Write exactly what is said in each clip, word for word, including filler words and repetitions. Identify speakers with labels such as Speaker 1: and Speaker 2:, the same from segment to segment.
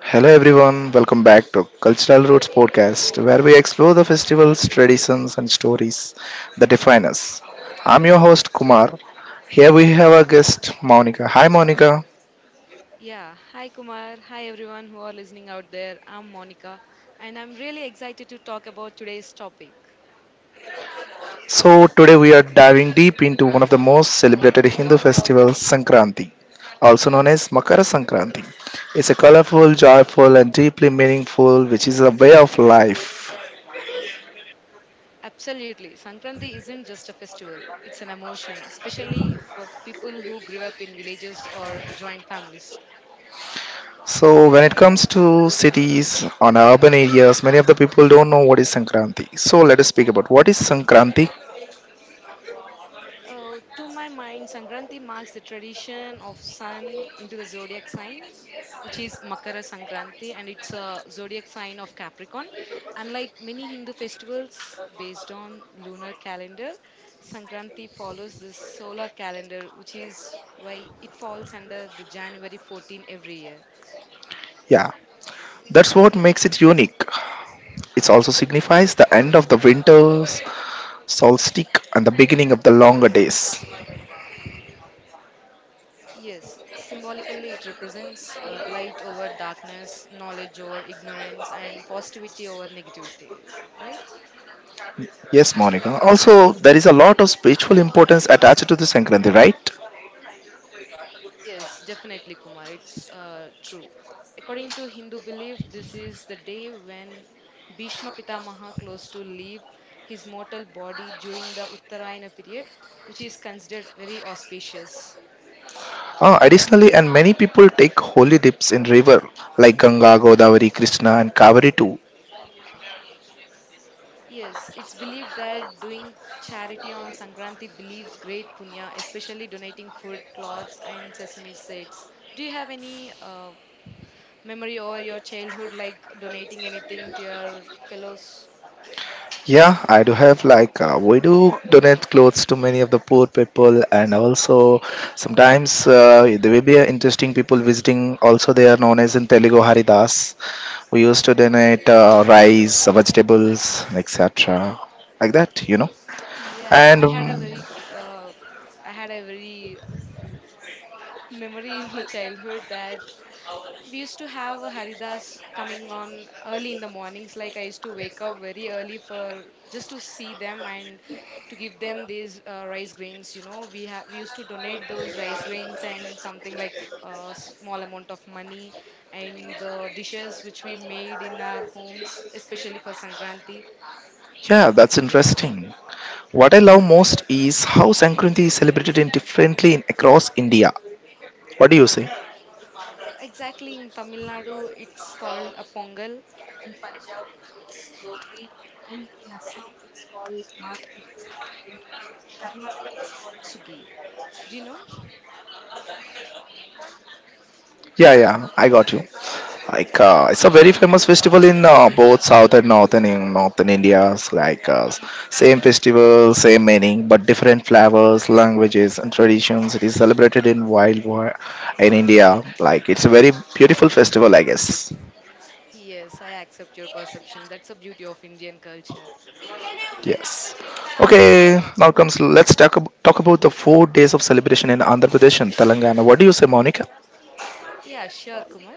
Speaker 1: Hello everyone, welcome back to Cultural Roots Podcast, where we explore the festivals, traditions, and stories that define us. I'm your host Kumar. Here we have our guest Monica. Hi Monica.
Speaker 2: Yeah, hi Kumar. Hi everyone who are listening out there. I'm Monica and I'm really excited to talk about today's topic.
Speaker 1: So today we are diving deep into one of the most celebrated Hindu festivals, Sankranti, also known as Makara Sankranti. It's a colorful, joyful, and deeply meaningful, which is a way of life.
Speaker 2: Absolutely, Sankranti isn't just a festival, it's an emotion, especially for people who grew up in villages or joint families.
Speaker 1: So when it comes to cities on urban areas, many of the people don't know what is Sankranti. So let us speak about what is Sankranti.
Speaker 2: Uh, to my mind, Sankranti marks the tradition of sun into the zodiac sign, which is Makara Sankranti, and it's a zodiac sign of Capricorn. Unlike many Hindu festivals based on lunar calendar, Sankranti follows the solar calendar, which is why it falls under the January fourteenth every year.
Speaker 1: Yeah, that's what makes it unique. It also signifies the end of the winter's solstice and the beginning of the longer days.
Speaker 2: Yes, symbolically it represents uh, light over darkness, knowledge over ignorance, and positivity over negativity, right?
Speaker 1: Yes, Monica. Also, there is a lot of spiritual importance attached to the Sankranti, right?
Speaker 2: Yes, definitely, Kumar. It's uh, true. According to Hindu belief, this is the day when Bhishma Pitamaha close to leave his mortal body during the Uttarayana period, which is considered very auspicious.
Speaker 1: Uh, additionally, and many people take holy dips in river like Ganga, Godavari, Krishna, and Kaveri too.
Speaker 2: Yes, it's believed that doing charity on Sankranti believes great punya, especially donating food, clothes, and sesame seeds. Do you have any uh, memory over your childhood, like donating anything to your fellows?
Speaker 1: Yeah, I do have like uh, we do donate clothes to many of the poor people, and also sometimes uh, there will be uh, interesting people visiting. Also, they are known as in Telugu Haridas. We used to donate uh, rice, vegetables, et cetera, like that, you know.
Speaker 2: Yeah,
Speaker 1: And
Speaker 2: I had a
Speaker 1: um,
Speaker 2: very, gr- uh, I had a very memory in the childhood that we used to have a Haridas coming on early in the mornings. Like I used to wake up very early for just to see them and to give them these uh, rice grains. You know, we have we used to donate those rice grains and something like a small amount of money and the dishes which we made in our homes, especially for Sankranti.
Speaker 1: Yeah, that's interesting. What I love most is how Sankranti is celebrated in differently in, across India. What do you say?
Speaker 2: Exactly in Tamil Nadu, it's called a pongal Sugi. Do you know?
Speaker 1: Yeah, yeah, I got you. Like uh, it's a very famous festival in uh, both South and Northern in Northern India. Like uh, same festival, same meaning, but different flavors, languages, and traditions. It is celebrated in wild war in India. Like it's a very beautiful festival, I guess.
Speaker 2: Yes, I accept your perception. That's the beauty of Indian culture.
Speaker 1: Yes. Okay, now comes let's talk ab- talk about the four days of celebration in Andhra Pradesh and Telangana. What do you say, Monica?
Speaker 2: Yeah, sure, Kumar.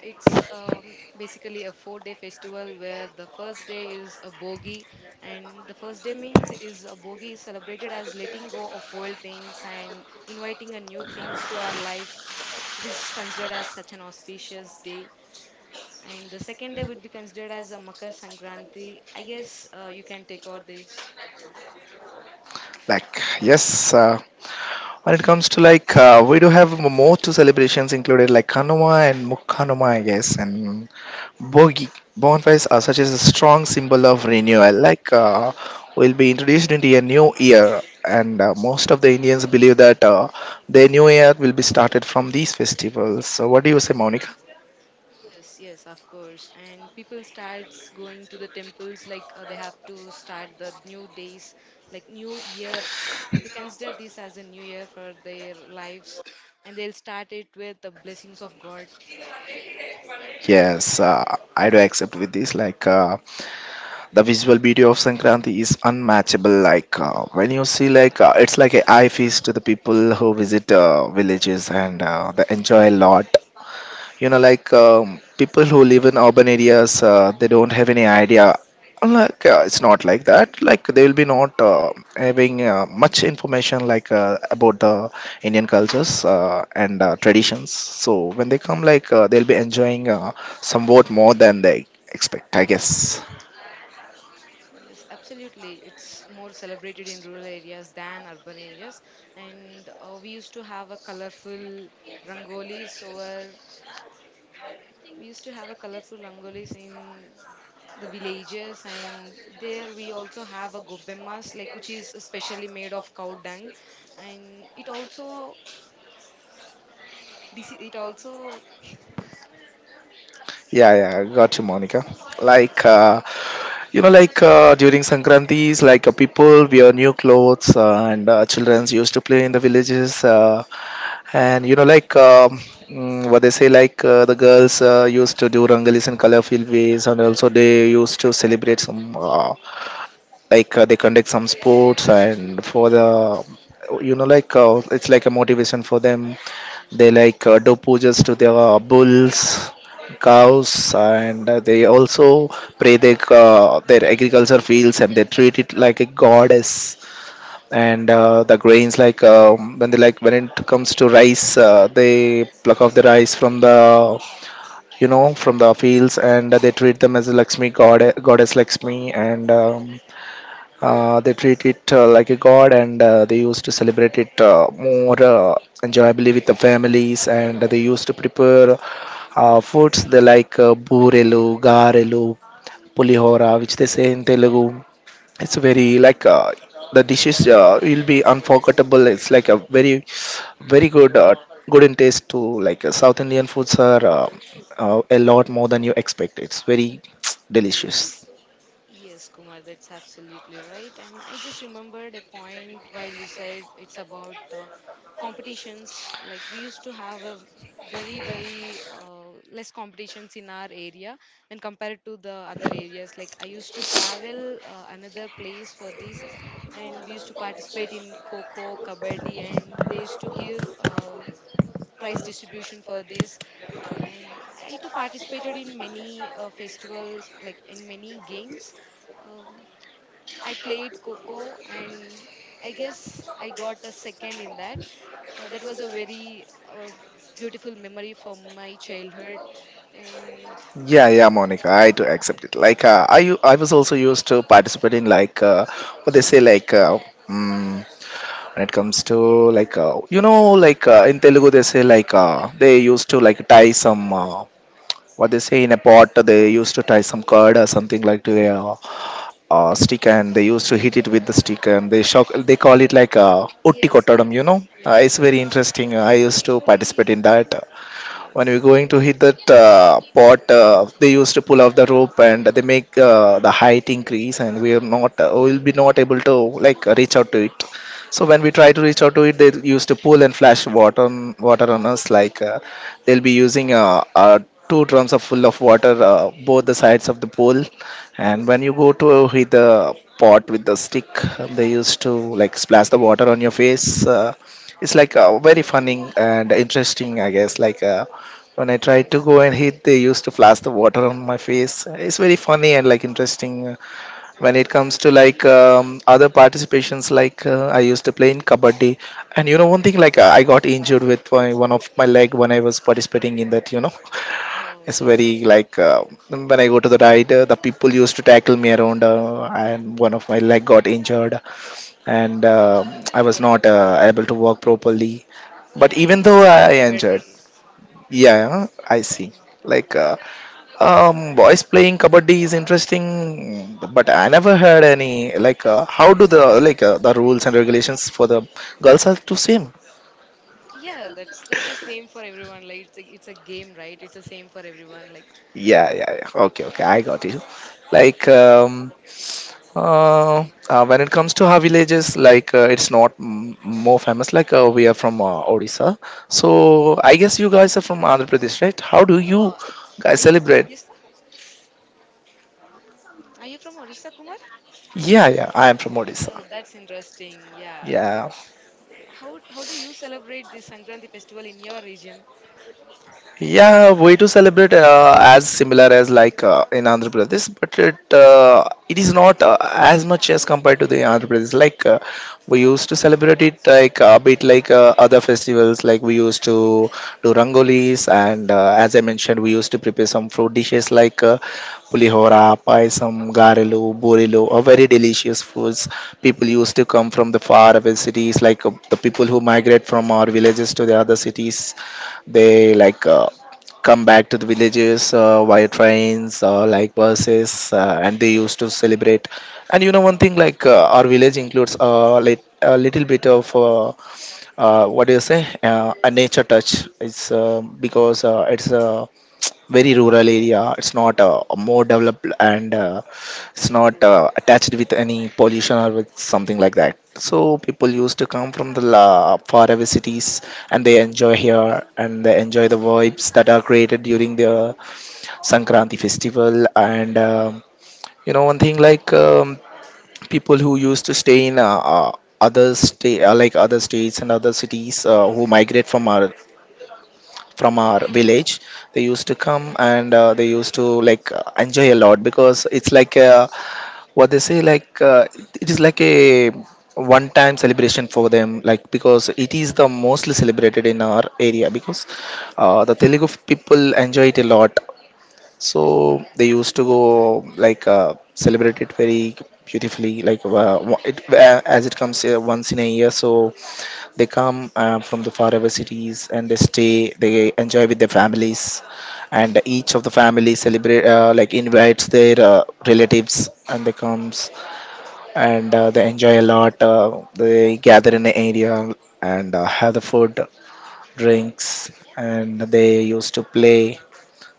Speaker 2: It's um, basically a four day festival where the first day is a bogi, and the first day means it is a bogi is celebrated as letting go of old things and inviting a new things to our life. It is considered as such an auspicious day. And the second day would be considered as a Makar Sankranti. I guess uh, you can take out this.
Speaker 1: Like yes, uh, when it comes to like, uh, we do have more two celebrations included like Kanuma and Mukkanuma, I guess, and Bogi. Bonfires are such as a strong symbol of renewal. Like, uh, we'll be introduced into a new year, and uh, most of the Indians believe that uh, their new year will be started from these festivals. So, what do you say, Monica?
Speaker 2: Yes, yes, of course. And people starts going to the temples like uh, they have to start the new days, like new year. They consider this as a new year for their lives, and they'll start it with the blessings of God.
Speaker 1: Yes, uh, I do accept with this. Like, uh, the visual beauty of Sankranti is unmatchable. Like uh, when you see, like uh, it's like a eye feast to the people who visit uh, villages and uh, they enjoy a lot. You know, like um, people who live in urban areas, uh, they don't have any idea. Like uh, it's not like that. Like they will be not uh, having uh, much information like uh, about the Indian cultures uh, and uh, traditions. So when they come, like uh, they'll be enjoying uh, somewhat more than they expect, I guess.
Speaker 2: Yes, absolutely. It's more celebrated in rural areas than urban areas. And uh, we used to have a colorful rangolis, or we used to have a colorful rangolis in the villages and there we also have a gobemmas like which is especially made of cow dung and it also this it also.
Speaker 1: Yeah, yeah, got you, Monica. Like, uh, you know, like uh, during Sankrantis, like uh, people wear new clothes, uh, and uh, children used to play in the villages, uh, and you know, like um, mm, what they say, like uh, the girls uh, used to do rangolis in colorful ways, and also they used to celebrate some. Uh, like uh, they conduct some sports and for the you know like uh, it's like a motivation for them they like uh, do pujas to their uh, bulls cows and uh, they also pray their, uh, their agriculture fields and they treat it like a goddess and uh, the grains like um, when they like when it comes to rice uh, they pluck off the rice from the you know from the fields and they treat them as a lakshmi god goddess lakshmi and um, uh, they treat it uh, like a god, and uh, they used to celebrate it uh, more uh, enjoyably with the families. And they used to prepare uh, foods they like uh, burelu, garelu, pulihora, which they say in Telugu. It's very like uh, the dishes uh, will be unforgettable. It's like a very, very good, uh, good in taste to like uh, South Indian foods are uh, uh, a lot more than you expect. It's very delicious.
Speaker 2: Yes, Kumar, that's absolutely right. And I just remembered a point while you said it's about uh, competitions. Like we used to have a very, very uh, less competitions in our area when compared to the other areas. Like I used to travel uh, another place for this, and we used to participate in Coco, Kabaddi, and they used to give uh, prize distribution for this and I too participated in many uh, festivals like in many games, um, I played coco and I guess I got a second in that. Uh, that was a very uh, beautiful memory from my childhood and
Speaker 1: Yeah, yeah, Monica, I do accept it. Like, uh, I u- I was also used to participate in like uh, what they say like uh, mm, when it comes to like uh, you know like uh, in Telugu they say like uh, they used to like tie some uh, what they say in a pot they used to tie some curd or something like to a uh, uh, stick and they used to hit it with the stick and they shock they call it like uh, utti
Speaker 2: yes,
Speaker 1: kottadam.
Speaker 2: yes,
Speaker 1: You know,
Speaker 2: yes,
Speaker 1: uh, it's
Speaker 2: yes.
Speaker 1: very interesting. I used to participate
Speaker 2: Usually
Speaker 1: in that when we're
Speaker 2: yes,
Speaker 1: going to hit that uh, pot uh, they used to pull off the rope and they make uh, the height increase and we are not uh, we'll be not able to like reach out to it so when we try to reach out to it they used to pull and flash water on water on us like uh, they'll be using uh, uh, two drums are full of water uh, both the sides of the pool and when you go to hit the pot with the stick they used to like splash the water on your face uh, it's like uh, very funny and interesting I guess like uh, when I tried
Speaker 2: yes,
Speaker 1: to go and
Speaker 2: Kumar.
Speaker 1: hit, they used to flash the water on my face. It's very funny and like interesting. When it comes to like um, other participations, like uh, I used to play in kabaddi, and you know one thing, like uh, I got injured with my, one of my leg when I was participating in that. You know,
Speaker 2: Oh,
Speaker 1: it's
Speaker 2: that's so
Speaker 1: very
Speaker 2: sad.
Speaker 1: like uh, when I go to the ride, uh, the people used to tackle me around, uh, and one of my leg got injured, and uh, I was
Speaker 2: Yeah,
Speaker 1: not uh, able to walk properly. But
Speaker 2: even I
Speaker 1: even
Speaker 2: used
Speaker 1: though
Speaker 2: to play
Speaker 1: I injured,
Speaker 2: kabaddi.
Speaker 1: yeah, I see. Like uh, um, boys playing kabaddi is interesting, but I never heard any. Like, uh, how do the like uh, the rules and regulations for the girls are the same?
Speaker 2: Yeah, that's that's the same for everyone. Like it's a, it's a game, right? It's the same for everyone. Like,
Speaker 1: Yeah, yeah, yeah. Okay, okay, I got you. Like, um, uh, uh, when it comes to our villages, like uh, it's not m- more famous. Like uh, we are from uh, Odisha, so I guess you guys are from Andhra Pradesh, right? How do you
Speaker 2: oh,
Speaker 1: guys
Speaker 2: are you from
Speaker 1: celebrate?
Speaker 2: Odisha? Are you from Odisha, Kumar?
Speaker 1: Yeah, yeah, I am from
Speaker 2: Oh,
Speaker 1: Odisha.
Speaker 2: that's interesting. Yeah.
Speaker 1: Yeah,
Speaker 2: How how do you celebrate this Sankranti festival in your region?
Speaker 1: yeah, way to celebrate uh, as similar as like uh, in Andhra Pradesh, but it uh, it is not uh, as much as compared to the Andhra Pradesh. Like uh, we used to celebrate it like a bit like uh, other festivals. Like we used to do rangolis, and uh, as I mentioned, we used to prepare some fruit dishes like uh, pulihora, paisam, garelu, borelo, are very delicious foods. People used to come from the far away cities, like uh, the people who migrate from our villages to the other cities they like uh, come back to the villages uh, via trains or like buses, uh, and they used to celebrate. And you know one thing like uh, our village includes a lit- a little bit of uh, uh, what do you say, uh, a nature touch. It's uh,
Speaker 2: Mm-hmm.
Speaker 1: because uh, it's a very rural area. It's not uh, more developed, and uh,
Speaker 2: That's
Speaker 1: it's
Speaker 2: so
Speaker 1: not
Speaker 2: cool.
Speaker 1: uh, attached with any pollution or with something like that, so people used to come from the la- far cities and they enjoy here and they enjoy the vibes that are created during the sankranti festival. And um, you know one thing like um, people who used to stay in uh, uh, other state uh, like other states and other cities uh, who migrate from our from our village, they used to come and uh, they used to like uh, enjoy a lot because it's like uh, what they say like uh, it is like a one time celebration for them like because it is the mostly celebrated in our area because uh, the telugu people enjoy it a lot, so they used to go like uh, celebrate it very beautifully, like uh, wa- it uh, as it comes uh, once in a year. So they come uh, from the faraway cities and they stay, they enjoy with their families, and each of the family celebrate uh, like invites their uh, relatives and they comes and uh, they enjoy a lot. Uh, they gather in an area and uh, have the food, drinks, and they used to play,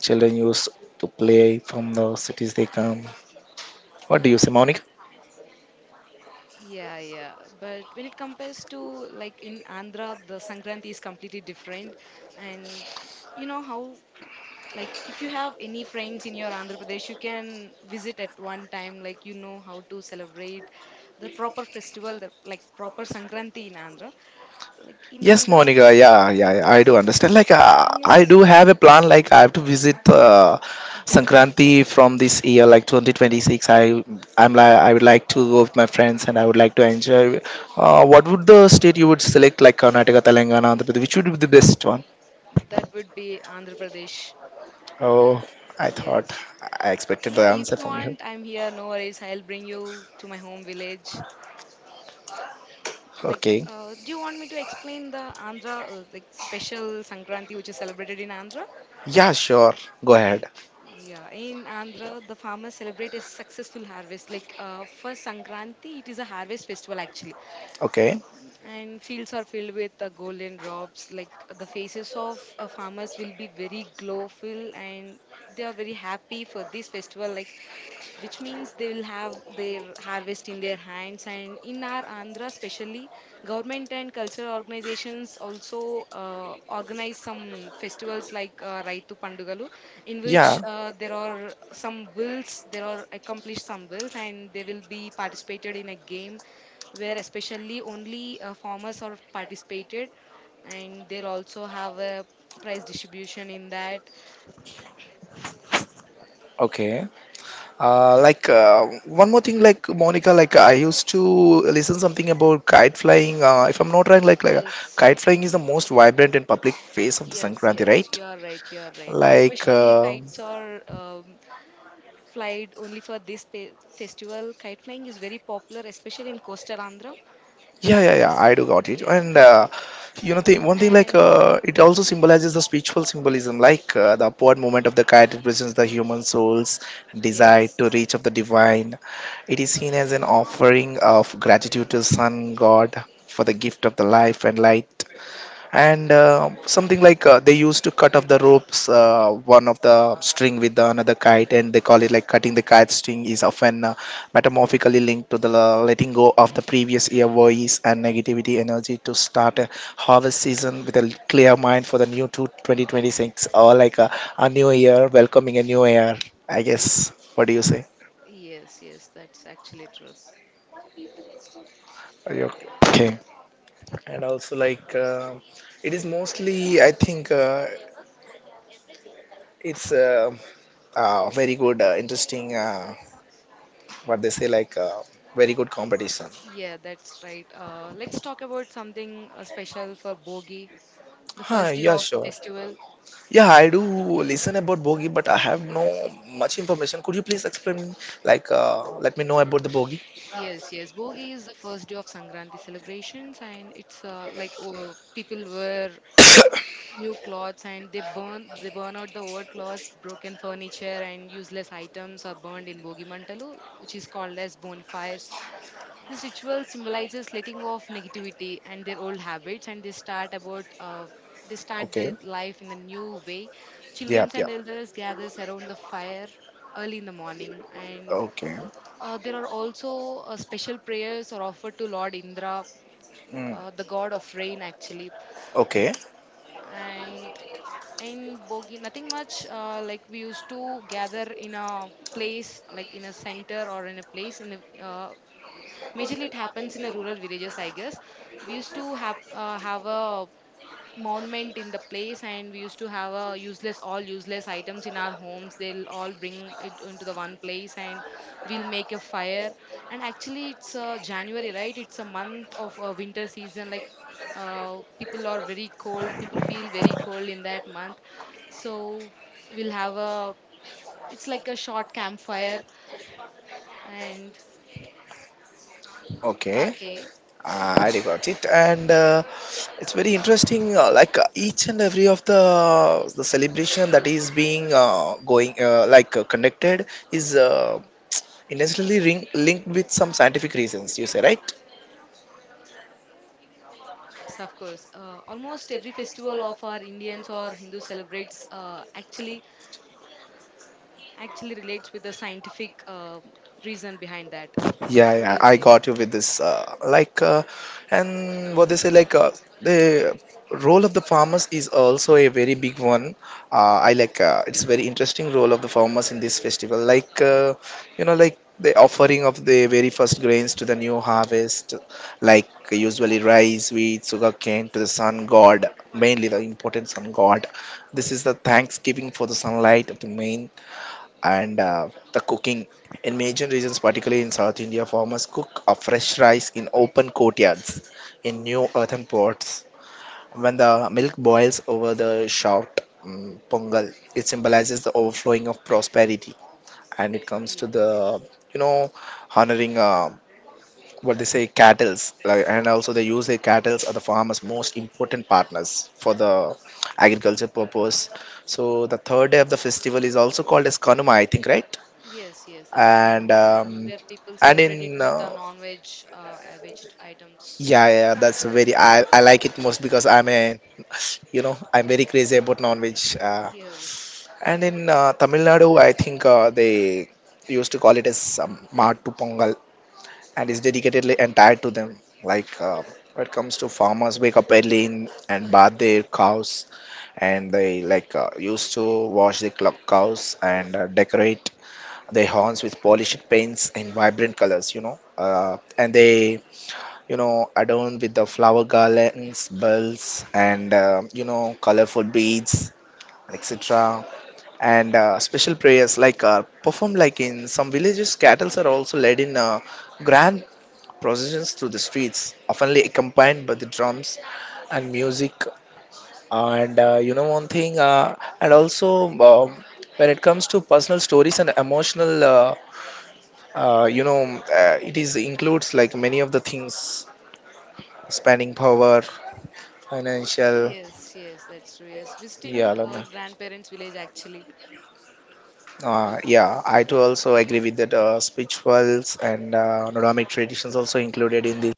Speaker 1: children used to play from the cities they come. What do you say, Monica?
Speaker 2: Yeah, yeah. But when it compares to like in Andhra, the Sankranti is completely different, and you know how, like if you have any friends in your andhra pradesh you can visit at one time, like you know how to celebrate the proper festival the, like proper sankranti in andhra, like in
Speaker 1: Yes,
Speaker 2: andhra,
Speaker 1: Monica. Yeah, yeah, yeah, I do understand. Like,
Speaker 2: the
Speaker 1: uh, I
Speaker 2: farmers,
Speaker 1: do have a plan. Like, I have to visit uh,
Speaker 2: definitely,
Speaker 1: Sankranti from this year, like twenty twenty-six. I, I'm like, I would like to go with my friends, and I would like to enjoy. Uh, what would the state you would select, like Karnataka, Telangana, Andhra Pradesh? Which would be the best one?
Speaker 2: that would be andhra pradesh.
Speaker 1: Oh, I thought
Speaker 2: Yes,
Speaker 1: I expected the
Speaker 2: yeah, if
Speaker 1: answer
Speaker 2: you
Speaker 1: from you.
Speaker 2: want I'm here, no worries, I'll bring you to my home village. Like
Speaker 1: Okay.
Speaker 2: uh, do you want me to explain the andhra uh, like special sankranti which is celebrated in andhra?
Speaker 1: Yeah, sure. Go ahead.
Speaker 2: Yeah, in Andhra, the farmers celebrate a successful harvest. Like uh, for Sankranti, it is a harvest festival actually,
Speaker 1: Okay.
Speaker 2: and fields are filled with uh, golden drops. Like the faces of uh, farmers will be very glowful, and they are very happy for this festival. Like which means they will have their harvest in their hands and in our andhra especially government and cultural organizations also uh, organize some
Speaker 1: like
Speaker 2: festivals like uh,
Speaker 1: uh,
Speaker 2: raitu pandugalu
Speaker 1: like
Speaker 2: in which
Speaker 1: Yeah.
Speaker 2: uh, there are some wills there are accomplished some wills and they will be participated in a game where especially only uh, farmers are participated and they'll also have a prize distribution in that.
Speaker 1: Okay. Uh, like uh, one more thing, like Monica, like I used to listen something about kite flying. Uh, if I'm not wrong, like, like uh,
Speaker 2: Yes.
Speaker 1: kite flying is the most vibrant and public face of the
Speaker 2: Yes,
Speaker 1: Sankranti,
Speaker 2: yes,
Speaker 1: right?
Speaker 2: you are right, you are right.
Speaker 1: like
Speaker 2: Especially
Speaker 1: uh,
Speaker 2: kites are um, flied only for this pe- festival. Kite flying is very popular, especially in coastal Andhra.
Speaker 1: yeah, yeah,
Speaker 2: Mm,
Speaker 1: yeah, I do got it
Speaker 2: yeah,
Speaker 1: and uh, you know the one thing, like
Speaker 2: and
Speaker 1: uh, it also symbolizes the spiritual symbolism, like uh, the upward movement of the kite represents the human soul's desire
Speaker 2: yes,
Speaker 1: to reach of the divine. It is seen as an offering of gratitude to sun god for the gift of the life and light, and uh, something like uh, they used to cut off the ropes, uh, one of the string with the another kite, and they call it, like, cutting the kite string is often uh, metamorphically linked to the la- letting go of the previous year worries and negativity energy to start a harvest season with a clear mind for the new to twenty twenty-six, or like a, a new year, welcoming a new year. I guess, what do you say?
Speaker 2: yes, yes, that's actually true.
Speaker 1: Are you okay? And also, like uh, it is mostly, I think, uh, it's uh, uh, very good, uh, interesting, uh, what they say, like uh, very good competition.
Speaker 2: Yeah, that's right. Uh, let's talk about something uh, special for Bogi, the
Speaker 1: Huh,
Speaker 2: first day
Speaker 1: yeah,
Speaker 2: of the
Speaker 1: sure.
Speaker 2: festival.
Speaker 1: Yeah, I do listen about Bogie, but I have no much information. Could you please explain, like, uh, let me know about the Bogie?
Speaker 2: Yes, yes. Bogi is the first day of Sankranti celebrations, and it's uh, like oh, people wear new clothes and they burn they burn out the old clothes broken furniture and useless items are burned in bogimantalu which is called as bonfires. This ritual symbolizes letting go of negativity and their old habits and they start about uh, they start the
Speaker 1: Okay.
Speaker 2: life in a new way.
Speaker 1: Yeah,
Speaker 2: Children
Speaker 1: yeah.
Speaker 2: and elders gathers around the fire early in the morning and
Speaker 1: Okay.
Speaker 2: uh, there are also uh, special prayers are offered to lord indra,
Speaker 1: Mm.
Speaker 2: uh, the god of rain actually.
Speaker 1: Okay.
Speaker 2: And in Bogi, nothing much. Uh, like we used to gather in a place, like in a center or in a place. In a, uh, majorly, it happens in a rural villages, I guess. We used to have uh, have a monument in the place and we used to have a useless all useless items in our homes they'll all bring it into the one place and we'll make a fire and actually it's uh, january right it's a month of uh, winter season like uh, people are very cold people feel very cold in that month, so we'll have a, it's like a short campfire and
Speaker 1: Okay.
Speaker 2: okay.
Speaker 1: Uh, I got it, and uh, it's very interesting. Uh, like uh, each and every of the the celebration that is being uh, going, uh, like uh, conducted is uh, intentionally ring- linked with some scientific reasons. You say right?
Speaker 2: Yes, of course. Uh, almost every festival of our Indians or Hindu celebrates uh, actually actually relates with the scientific um reason behind that.
Speaker 1: Yeah,
Speaker 2: What do
Speaker 1: yeah,
Speaker 2: you
Speaker 1: I
Speaker 2: say?
Speaker 1: got you with this. Uh, like, uh, and what they say, like, uh, the role of the farmers is also a very big one. Uh, I like, uh, it's very interesting role of the farmers in this festival. Like, uh, you know, like the offering of the very first grains to the new harvest, like usually rice, wheat, sugarcane to the sun god, mainly the important sun god. This is the thanksgiving for the sunlight of the main, and uh, the cooking. In major regions, particularly in South India, farmers cook a fresh rice in open courtyards in new earthen pots. When the milk boils over the shout um, pongal, it symbolizes the overflowing of prosperity. And it comes
Speaker 2: Ye-
Speaker 1: to the, you know, honoring, uh, what they say, cattles. Like, and also they use their cattles are the farmers' most important partners for the agriculture purpose. So the third day of the festival is also called as Kanuma, I think, right?
Speaker 2: Yes, yes, that's
Speaker 1: and
Speaker 2: combined
Speaker 1: um,
Speaker 2: where people
Speaker 1: and
Speaker 2: celebrate it
Speaker 1: in
Speaker 2: with the
Speaker 1: uh,
Speaker 2: non-veg, uh, uh, veg items.
Speaker 1: Yeah, yeah, that's very, I, I like it most because I'm a, you know, I'm very crazy about non-veg uh,
Speaker 2: Yes.
Speaker 1: and in uh, Tamil Nadu, I think uh, they used to call it as um, Maattu Pongal, and is dedicatedly
Speaker 2: Hmm,
Speaker 1: entire to them. like uh, when it comes to farmers, wake up early in, and bath their cows, and they, like uh, used to wash the cl- cows and uh, decorate they horns with polished paints and vibrant colors, you know, uh, and they, you know, adorned with the flower garlands, bells, and, uh, you know, colorful beads, etc., and uh, special prayers like are performed, like in some villages cattle are also led in uh, grand processions through the streets, often accompanied by the drums and music. And uh, you know, one thing, uh, and also, um, when it comes to personal stories and emotional, uh, uh, you know, uh, it is includes like many of the things: spending power, financial.
Speaker 2: yes, yes, that's true. Yes, visiting
Speaker 1: Yeah, like
Speaker 2: uh,
Speaker 1: that.
Speaker 2: grandparents' village actually.
Speaker 1: Uh, yeah, I too also agree with that. Uh, spirituals and uh, Nordic traditions also included in this.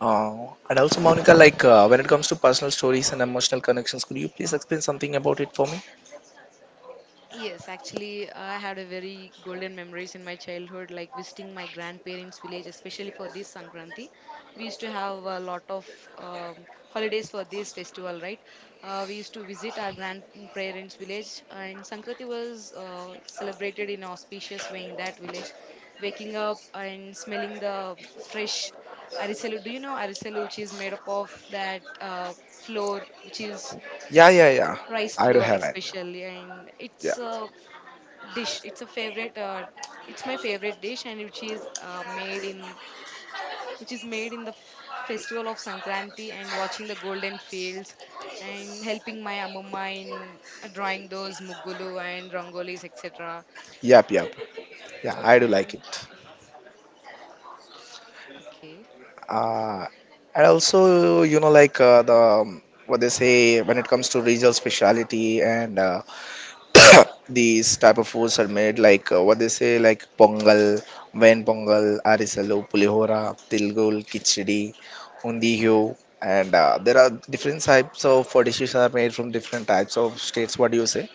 Speaker 1: Uh, and also, Monica, like uh, when it comes to personal stories and emotional connections, could you please explain something about it for me?
Speaker 2: Yes, actually, I had a very golden memories in my childhood, like visiting my grandparents' village, especially for this Sankranti. We used to have a lot of um, holidays for this festival, right? Uh, we used to visit our grandparents' village, and Sankranti was uh, celebrated in auspicious way in that village. Waking up and smelling the fresh arisalu. Do you know arisalu, which is made up of that uh, flour, which is
Speaker 1: Yeah, yeah, yeah.
Speaker 2: rice
Speaker 1: I do
Speaker 2: flour
Speaker 1: have it.
Speaker 2: especially and
Speaker 1: Yeah,
Speaker 2: it's uh, dish. It's a favorite. Uh, it's my favorite dish, and which is uh, made in which is made in the f- festival of Sankranti and watching the golden fields and helping my amumma in uh, drawing those mugulu and rangolis et cetera.
Speaker 1: yep, yep. Yeah, I do like
Speaker 2: And
Speaker 1: it.
Speaker 2: okay.
Speaker 1: Uh, and also, you know, like uh, the, um, what they say, when it comes to regional speciality and uh, these type of foods are made, like uh, what they say, like pongal, vain pongal, arisalu, pulihora, tilgul, kichdi, undiyo, and uh, there are different types of uh, dishes are made from different types of states. What do you say?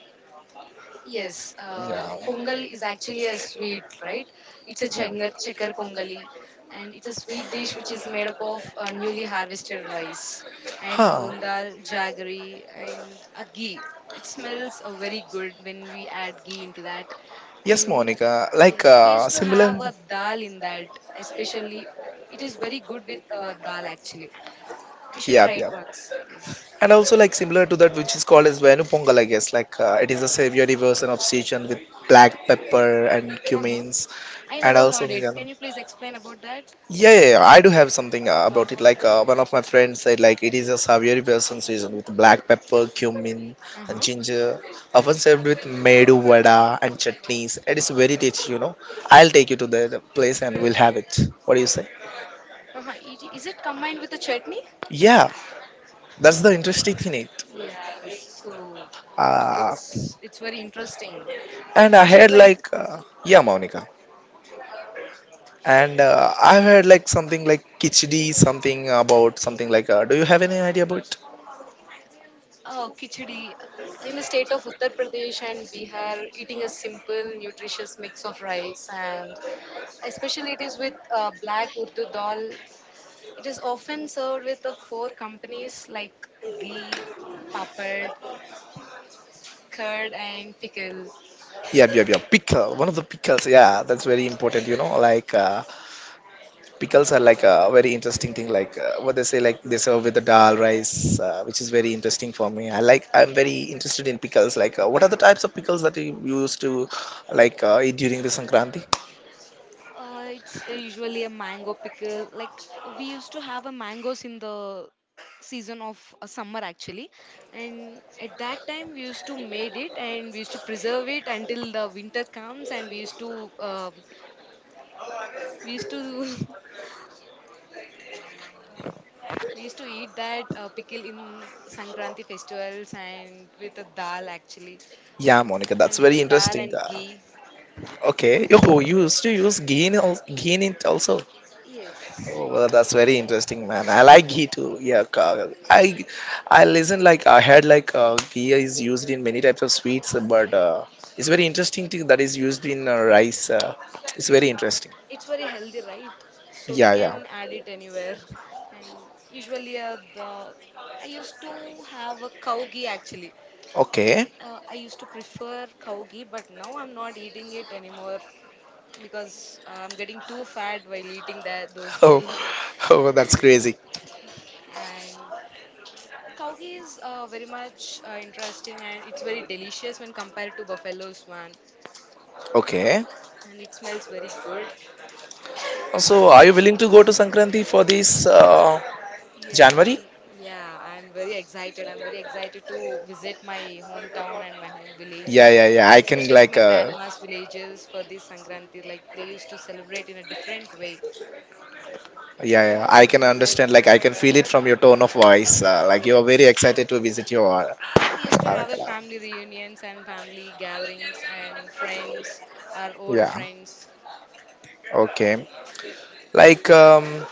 Speaker 2: Yes, uh, pongal is actually a sweet, right? It's a chenger, checker pongali, and it's a sweet dish which is made up of uh, newly harvested rice and
Speaker 1: Huh.
Speaker 2: moondal, jaggery, and a ghee. It smells uh, very good when we add ghee into that.
Speaker 1: Yes,
Speaker 2: And
Speaker 1: Monica. Like
Speaker 2: yes, we
Speaker 1: uh,
Speaker 2: used to
Speaker 1: similar.
Speaker 2: have a dal in that, especially. It is very good with uh, dal actually. You should
Speaker 1: Yeah,
Speaker 2: try it
Speaker 1: yeah.
Speaker 2: once, I guess.
Speaker 1: And also like similar to that, which is called as Venu Pongal, I guess. Like uh, it is a savory version of Sichuan with black pepper and
Speaker 2: Uh huh.
Speaker 1: cumins,
Speaker 2: I
Speaker 1: and
Speaker 2: never
Speaker 1: also.
Speaker 2: heard it. Can you please explain about that?
Speaker 1: Yeah, yeah, yeah, I do have something uh, about it. Like uh, one of my friends said, like it is a savory person season with black pepper, cumin,
Speaker 2: Uh
Speaker 1: and
Speaker 2: huh.
Speaker 1: ginger, often served with medu vada and chutneys. It is very rich, you know. I'll take you to the the place and we'll have it. What do you say?
Speaker 2: Uh-huh. It, is it combined with a chutney?
Speaker 1: Yeah, that's the interesting thing. It.
Speaker 2: Yes. So
Speaker 1: Uh,
Speaker 2: it's it's very interesting.
Speaker 1: and I
Speaker 2: I should
Speaker 1: had
Speaker 2: try
Speaker 1: like, uh, yeah, Monica. And uh, I've had like something like kichdi, something about something like. Uh, do you have any idea about?
Speaker 2: uh, khichdi. In the state of Uttar Pradesh and Bihar, eating a simple, nutritious mix of rice and especially it is with uh, black urdu dal. It is often served with the four companies like ghee, papad, curd, and pickle.
Speaker 1: Yeah, yeah, yeah. Pickle, one of the pickles. Yeah, that's very important. You know, like uh, pickles are like a very interesting thing. Like uh, what they say, like they serve with the dal rice, uh, which is very interesting for me. I like. I'm very interested in pickles. Like, uh, what are the types of pickles that you used to like uh, eat during the Sankranti?
Speaker 2: Uh, it's uh, usually a mango pickle. Like we used to have a mangoes in the season of uh, summer actually, and at that time we used to made it and we used to preserve it until the winter comes, and we used to um we used to we used to eat that uh, pickle in Sankranti festivals and with a dal actually,
Speaker 1: Yeah, Monica, that's
Speaker 2: and with a
Speaker 1: very
Speaker 2: dal
Speaker 1: interesting.
Speaker 2: and
Speaker 1: Uh,
Speaker 2: ghee.
Speaker 1: okay. Oh, you used to use ghee in al- ghee in it also.
Speaker 2: Yes.
Speaker 1: Oh, well, that's very interesting, man. I like ghee too. Yeah, Ka- I I listen like I had like, uh, ghee is used in many types of sweets, but uh, it's very interesting thing that is used in uh, rice. Uh, it's very interesting.
Speaker 2: It's very healthy, right? So we
Speaker 1: Yeah, yeah.
Speaker 2: can add it anywhere. And usually, uh, the i used to have a cow ghee actually.
Speaker 1: Okay.
Speaker 2: uh, I used to prefer cow ghee, but now I'm not eating it anymore because uh, I'm getting too fat while eating that those
Speaker 1: Oh,
Speaker 2: ghee.
Speaker 1: oh, that's crazy.
Speaker 2: And cow ghee is uh, very much uh, interesting, and it's very delicious when compared to buffalo's one.
Speaker 1: Okay.
Speaker 2: And it smells very good.
Speaker 1: So,
Speaker 2: We
Speaker 1: are you
Speaker 2: used to
Speaker 1: willing to
Speaker 2: use.
Speaker 1: go to Sankranti for this uh,
Speaker 2: Yes,
Speaker 1: January?
Speaker 2: I'm, yeah, I'm very excited. I'm very excited to visit my hometown and my home
Speaker 1: Yeah,
Speaker 2: villages,
Speaker 1: yeah, yeah. I can
Speaker 2: especially
Speaker 1: like,
Speaker 2: my
Speaker 1: uh,
Speaker 2: grandma's villages for this Sankranti. Like they used to celebrate in a different way.
Speaker 1: yeah, yeah. I can
Speaker 2: Well,
Speaker 1: understand. Like, I can feel it from your tone of voice. Uh, like, you are very
Speaker 2: yes.
Speaker 1: excited to visit your. Uh,
Speaker 2: We used to have a
Speaker 1: Arakala.
Speaker 2: family reunions and family gatherings and friends, our old
Speaker 1: Yeah.
Speaker 2: friends.
Speaker 1: Okay. Like um,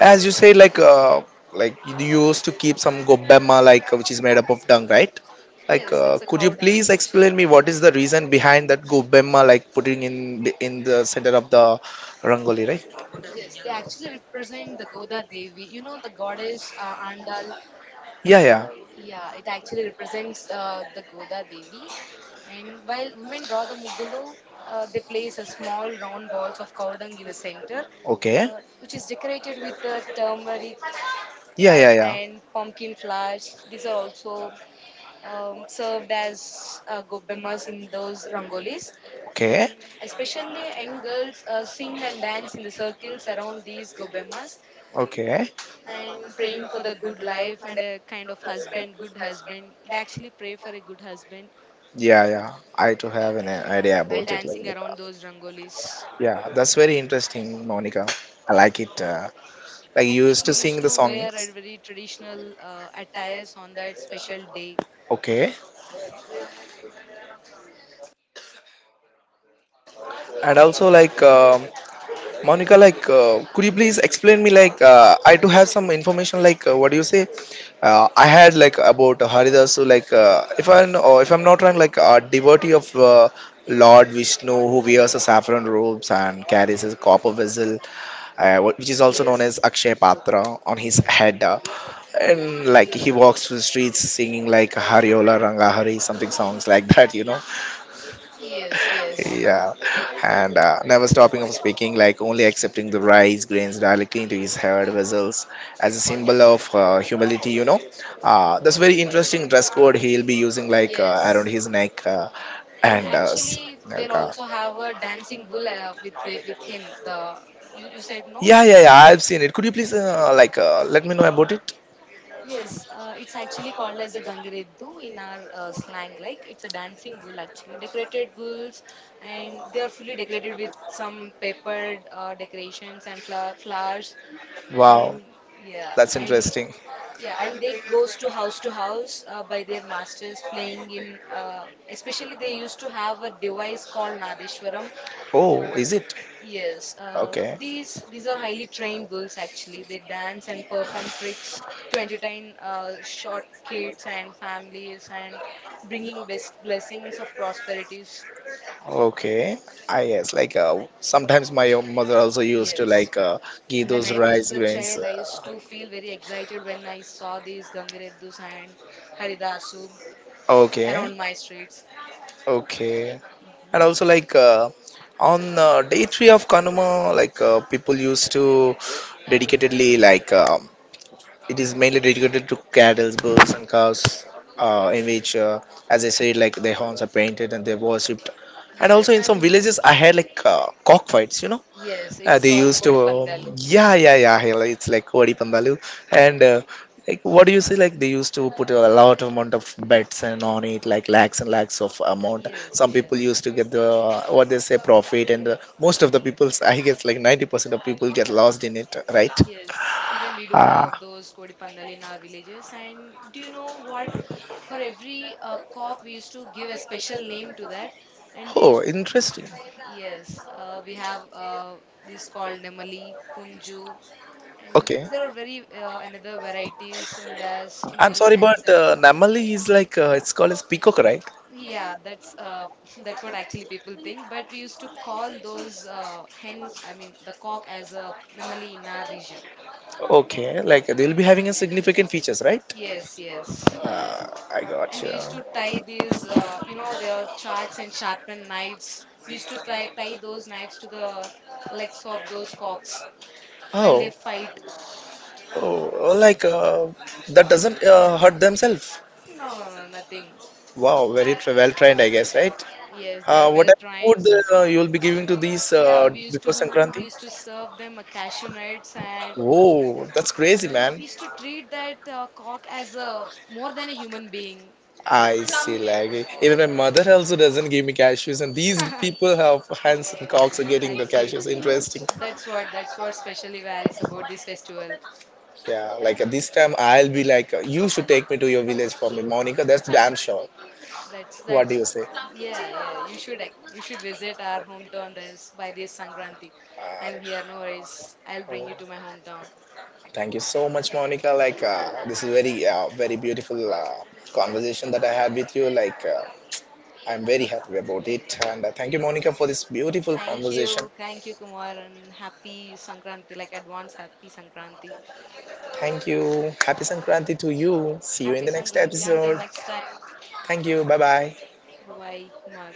Speaker 1: as you say, like uh, like you used to keep some gobemma, like which is made up of dung, right? Like,
Speaker 2: Yes,
Speaker 1: uh,
Speaker 2: it's a
Speaker 1: could you
Speaker 2: cow dung
Speaker 1: please
Speaker 2: actually.
Speaker 1: explain me what is the reason behind that gobemma, like putting in in the center of the rangoli, right?
Speaker 2: Yes, they actually represent the Goda Devi. You know the goddess uh, Andal.
Speaker 1: Yeah. Yeah.
Speaker 2: Yeah, it actually represents uh, the Goda Devi. And while women draw the Mugulu, uh, they place a small round balls of cow dung in the center,
Speaker 1: Okay.
Speaker 2: uh, which is decorated with uh, turmeric
Speaker 1: Yeah.
Speaker 2: like
Speaker 1: Yeah.
Speaker 2: and
Speaker 1: Yeah.
Speaker 2: pumpkin flowers. These are also um, served as uh, gobbemas in those rangolis. And
Speaker 1: Okay.
Speaker 2: especially young girls uh, sing and dance in the circles around these gobbemas
Speaker 1: Okay.
Speaker 2: and praying for the good life and a kind of husband, good husband. They actually pray for a good husband
Speaker 1: Yeah. Yeah. I too have an idea
Speaker 2: while
Speaker 1: about it,
Speaker 2: dancing
Speaker 1: like
Speaker 2: around those rangolis.
Speaker 1: Yeah, that's very interesting, Monica. I like it. Uh, like
Speaker 2: And
Speaker 1: you used
Speaker 2: people
Speaker 1: to sing
Speaker 2: used
Speaker 1: the
Speaker 2: to
Speaker 1: song,
Speaker 2: wear a very traditional uh, attires on that special day.
Speaker 1: okay? And also, like
Speaker 2: So,
Speaker 1: um Monica, like uh, could you please explain me? Like uh, I do have some information. Like uh, what do you say? Uh, I had like about Haridas. So like uh, if I, or if I'm not wrong, like a devotee of uh, Lord Vishnu who wears a saffron robes and carries a copper vessel, uh, wh- which is also known as
Speaker 2: yes,
Speaker 1: Akshay Patra, on his head. Uh, and like he walks through the streets singing like Hariola Rangahari, something songs like that, you know.
Speaker 2: yes, yes,
Speaker 1: Yeah, and uh, never stopping of speaking, like only accepting the rice grains directly into his head vessels as a symbol of uh, humility. You know, uh, that's very interesting dress code he'll be using, like uh,
Speaker 2: yes.
Speaker 1: around his neck, uh,
Speaker 2: And
Speaker 1: and uh, s-
Speaker 2: actually,
Speaker 1: like,
Speaker 2: they'll
Speaker 1: uh,
Speaker 2: also have a dancing bull uh, with the- with him. The you, you said no,
Speaker 1: yeah,
Speaker 2: it's
Speaker 1: yeah, yeah.
Speaker 2: Haridas.
Speaker 1: I've seen it. Could you please uh, like uh, let me know about it?
Speaker 2: Yes, uh, it's actually called as a gangireddu in our uh, slang. Like it's a dancing bull actually, decorated bulls, and they are fully decorated with some papered uh, decorations and fla- flowers, and
Speaker 1: Wow,
Speaker 2: yeah,
Speaker 1: that's
Speaker 2: and
Speaker 1: interesting.
Speaker 2: yeah, and they goes to house to house uh, by their masters playing in. Uh, especially they used to have a device called Nadeshwaram.
Speaker 1: Oh, is it?
Speaker 2: Yes, uh,
Speaker 1: Okay.
Speaker 2: these these are highly trained bulls. Actually, they dance and perform tricks to entertain uh, short kids and families, and bringing best blessings of prosperities.
Speaker 1: Okay. Ah, yes. Like uh, sometimes my mother also used to
Speaker 2: Yes.
Speaker 1: like uh, give
Speaker 2: When
Speaker 1: those
Speaker 2: I was
Speaker 1: rice
Speaker 2: a
Speaker 1: grains.
Speaker 2: child, I
Speaker 1: Uh,
Speaker 2: used to feel very excited when I saw these Gangareddus and Haridasu
Speaker 1: okay.
Speaker 2: around my streets.
Speaker 1: Okay.
Speaker 2: Mhm.
Speaker 1: And also like uh, on uh, day three of Kanuma, like uh, people used to dedicatedly, like uh, it is mainly dedicated to cattle, bulls, and cows, uh, in which, uh, as I said, like their horns are painted and they're worshipped. And
Speaker 2: Yes,
Speaker 1: also in some
Speaker 2: and
Speaker 1: villages, I had like uh, cockfights, you know.
Speaker 2: yes,
Speaker 1: Uh,
Speaker 2: it's
Speaker 1: they
Speaker 2: called
Speaker 1: used to, um, Pandalu.
Speaker 2: Kodipandalu.
Speaker 1: Yeah, yeah, yeah. Hell, it's like Kodi Pandalu. And uh, like, what do you say? Like, they used to put a lot of amount of bets and on it, like lakhs and lakhs of amount.
Speaker 2: Yes,
Speaker 1: Some people
Speaker 2: yes,
Speaker 1: used to get the, uh, what they say, profit, and uh, most of the people's, I guess, like ninety percent of people get lost in it, right?
Speaker 2: yes. Even we do have
Speaker 1: Ah.
Speaker 2: those Kodipandalu in our villages. And do you know what? For every uh, cock, we used to give a special name to that. And they
Speaker 1: Oh,
Speaker 2: used to,
Speaker 1: interesting.
Speaker 2: yes, uh, we have uh, these called Nemali, Punju, and
Speaker 1: Okay.
Speaker 2: there are very uh, another varieties in those in
Speaker 1: I'm
Speaker 2: those
Speaker 1: sorry,
Speaker 2: hands.
Speaker 1: but uh, Namali is like, uh, it's called as peacock, right?
Speaker 2: Yeah, that's uh, that's what actually people think. But we used to call those uh, hen, I mean the cock, as a namali in our region.
Speaker 1: Okay, like
Speaker 2: Yeah.
Speaker 1: they'll be having a significant features, right?
Speaker 2: Yes, yes.
Speaker 1: Uh, I got
Speaker 2: And we used to tie
Speaker 1: you.
Speaker 2: these, uh, you know, there are sharks and sharpened knives. We used to tie, tie those knives to the legs of those cocks while they
Speaker 1: Oh.
Speaker 2: fight.
Speaker 1: Oh, oh, like uh, that doesn't uh, hurt themselves.
Speaker 2: No, no, no, nothing.
Speaker 1: Wow, very tra- well trained, I guess, right?
Speaker 2: Yes, they are
Speaker 1: Uh, what
Speaker 2: well
Speaker 1: type of
Speaker 2: trained.
Speaker 1: food uh,
Speaker 2: And
Speaker 1: you'll be giving to these
Speaker 2: yeah,
Speaker 1: uh,
Speaker 2: we used to
Speaker 1: before
Speaker 2: we
Speaker 1: Sankranti?
Speaker 2: used to serve them a cashew nuts and
Speaker 1: Oh,
Speaker 2: yeah,
Speaker 1: that's crazy, man.
Speaker 2: is to treat that uh, cock as a more than a human being.
Speaker 1: I see, like even my mother also doesn't give me cashews, and these
Speaker 2: Yeah.
Speaker 1: people have hands and cocks are getting the
Speaker 2: Actually,
Speaker 1: cashews. Interesting.
Speaker 2: that's what that's what specially varies about this festival.
Speaker 1: Yeah, like uh, this time I'll be like, uh, you should take me to your village for me, Monica. That's damn sure.
Speaker 2: That's
Speaker 1: What do
Speaker 2: that's
Speaker 1: you say?
Speaker 2: yeah, yeah. You should ac- you should visit our hometown this by this Sankranti. I'm
Speaker 1: Uh,
Speaker 2: here, no worries. I'll bring
Speaker 1: oh,
Speaker 2: you to my hometown.
Speaker 1: thank you so much, Monica. Like, uh, this is very, uh, very beautiful uh, conversation that I had with you. Like, uh, I'm very happy about it. And uh, thank you, Monica, for this beautiful
Speaker 2: Thank
Speaker 1: conversation.
Speaker 2: you, thank you, Kumar, and happy Sankranti. Like advance happy Sankranti.
Speaker 1: Thank you. Happy Sankranti to you. See you
Speaker 2: Happy
Speaker 1: in the next
Speaker 2: Sankranti. Until
Speaker 1: episode.
Speaker 2: next time.
Speaker 1: Thank you. Bye bye.
Speaker 2: Bye bye, Kumar.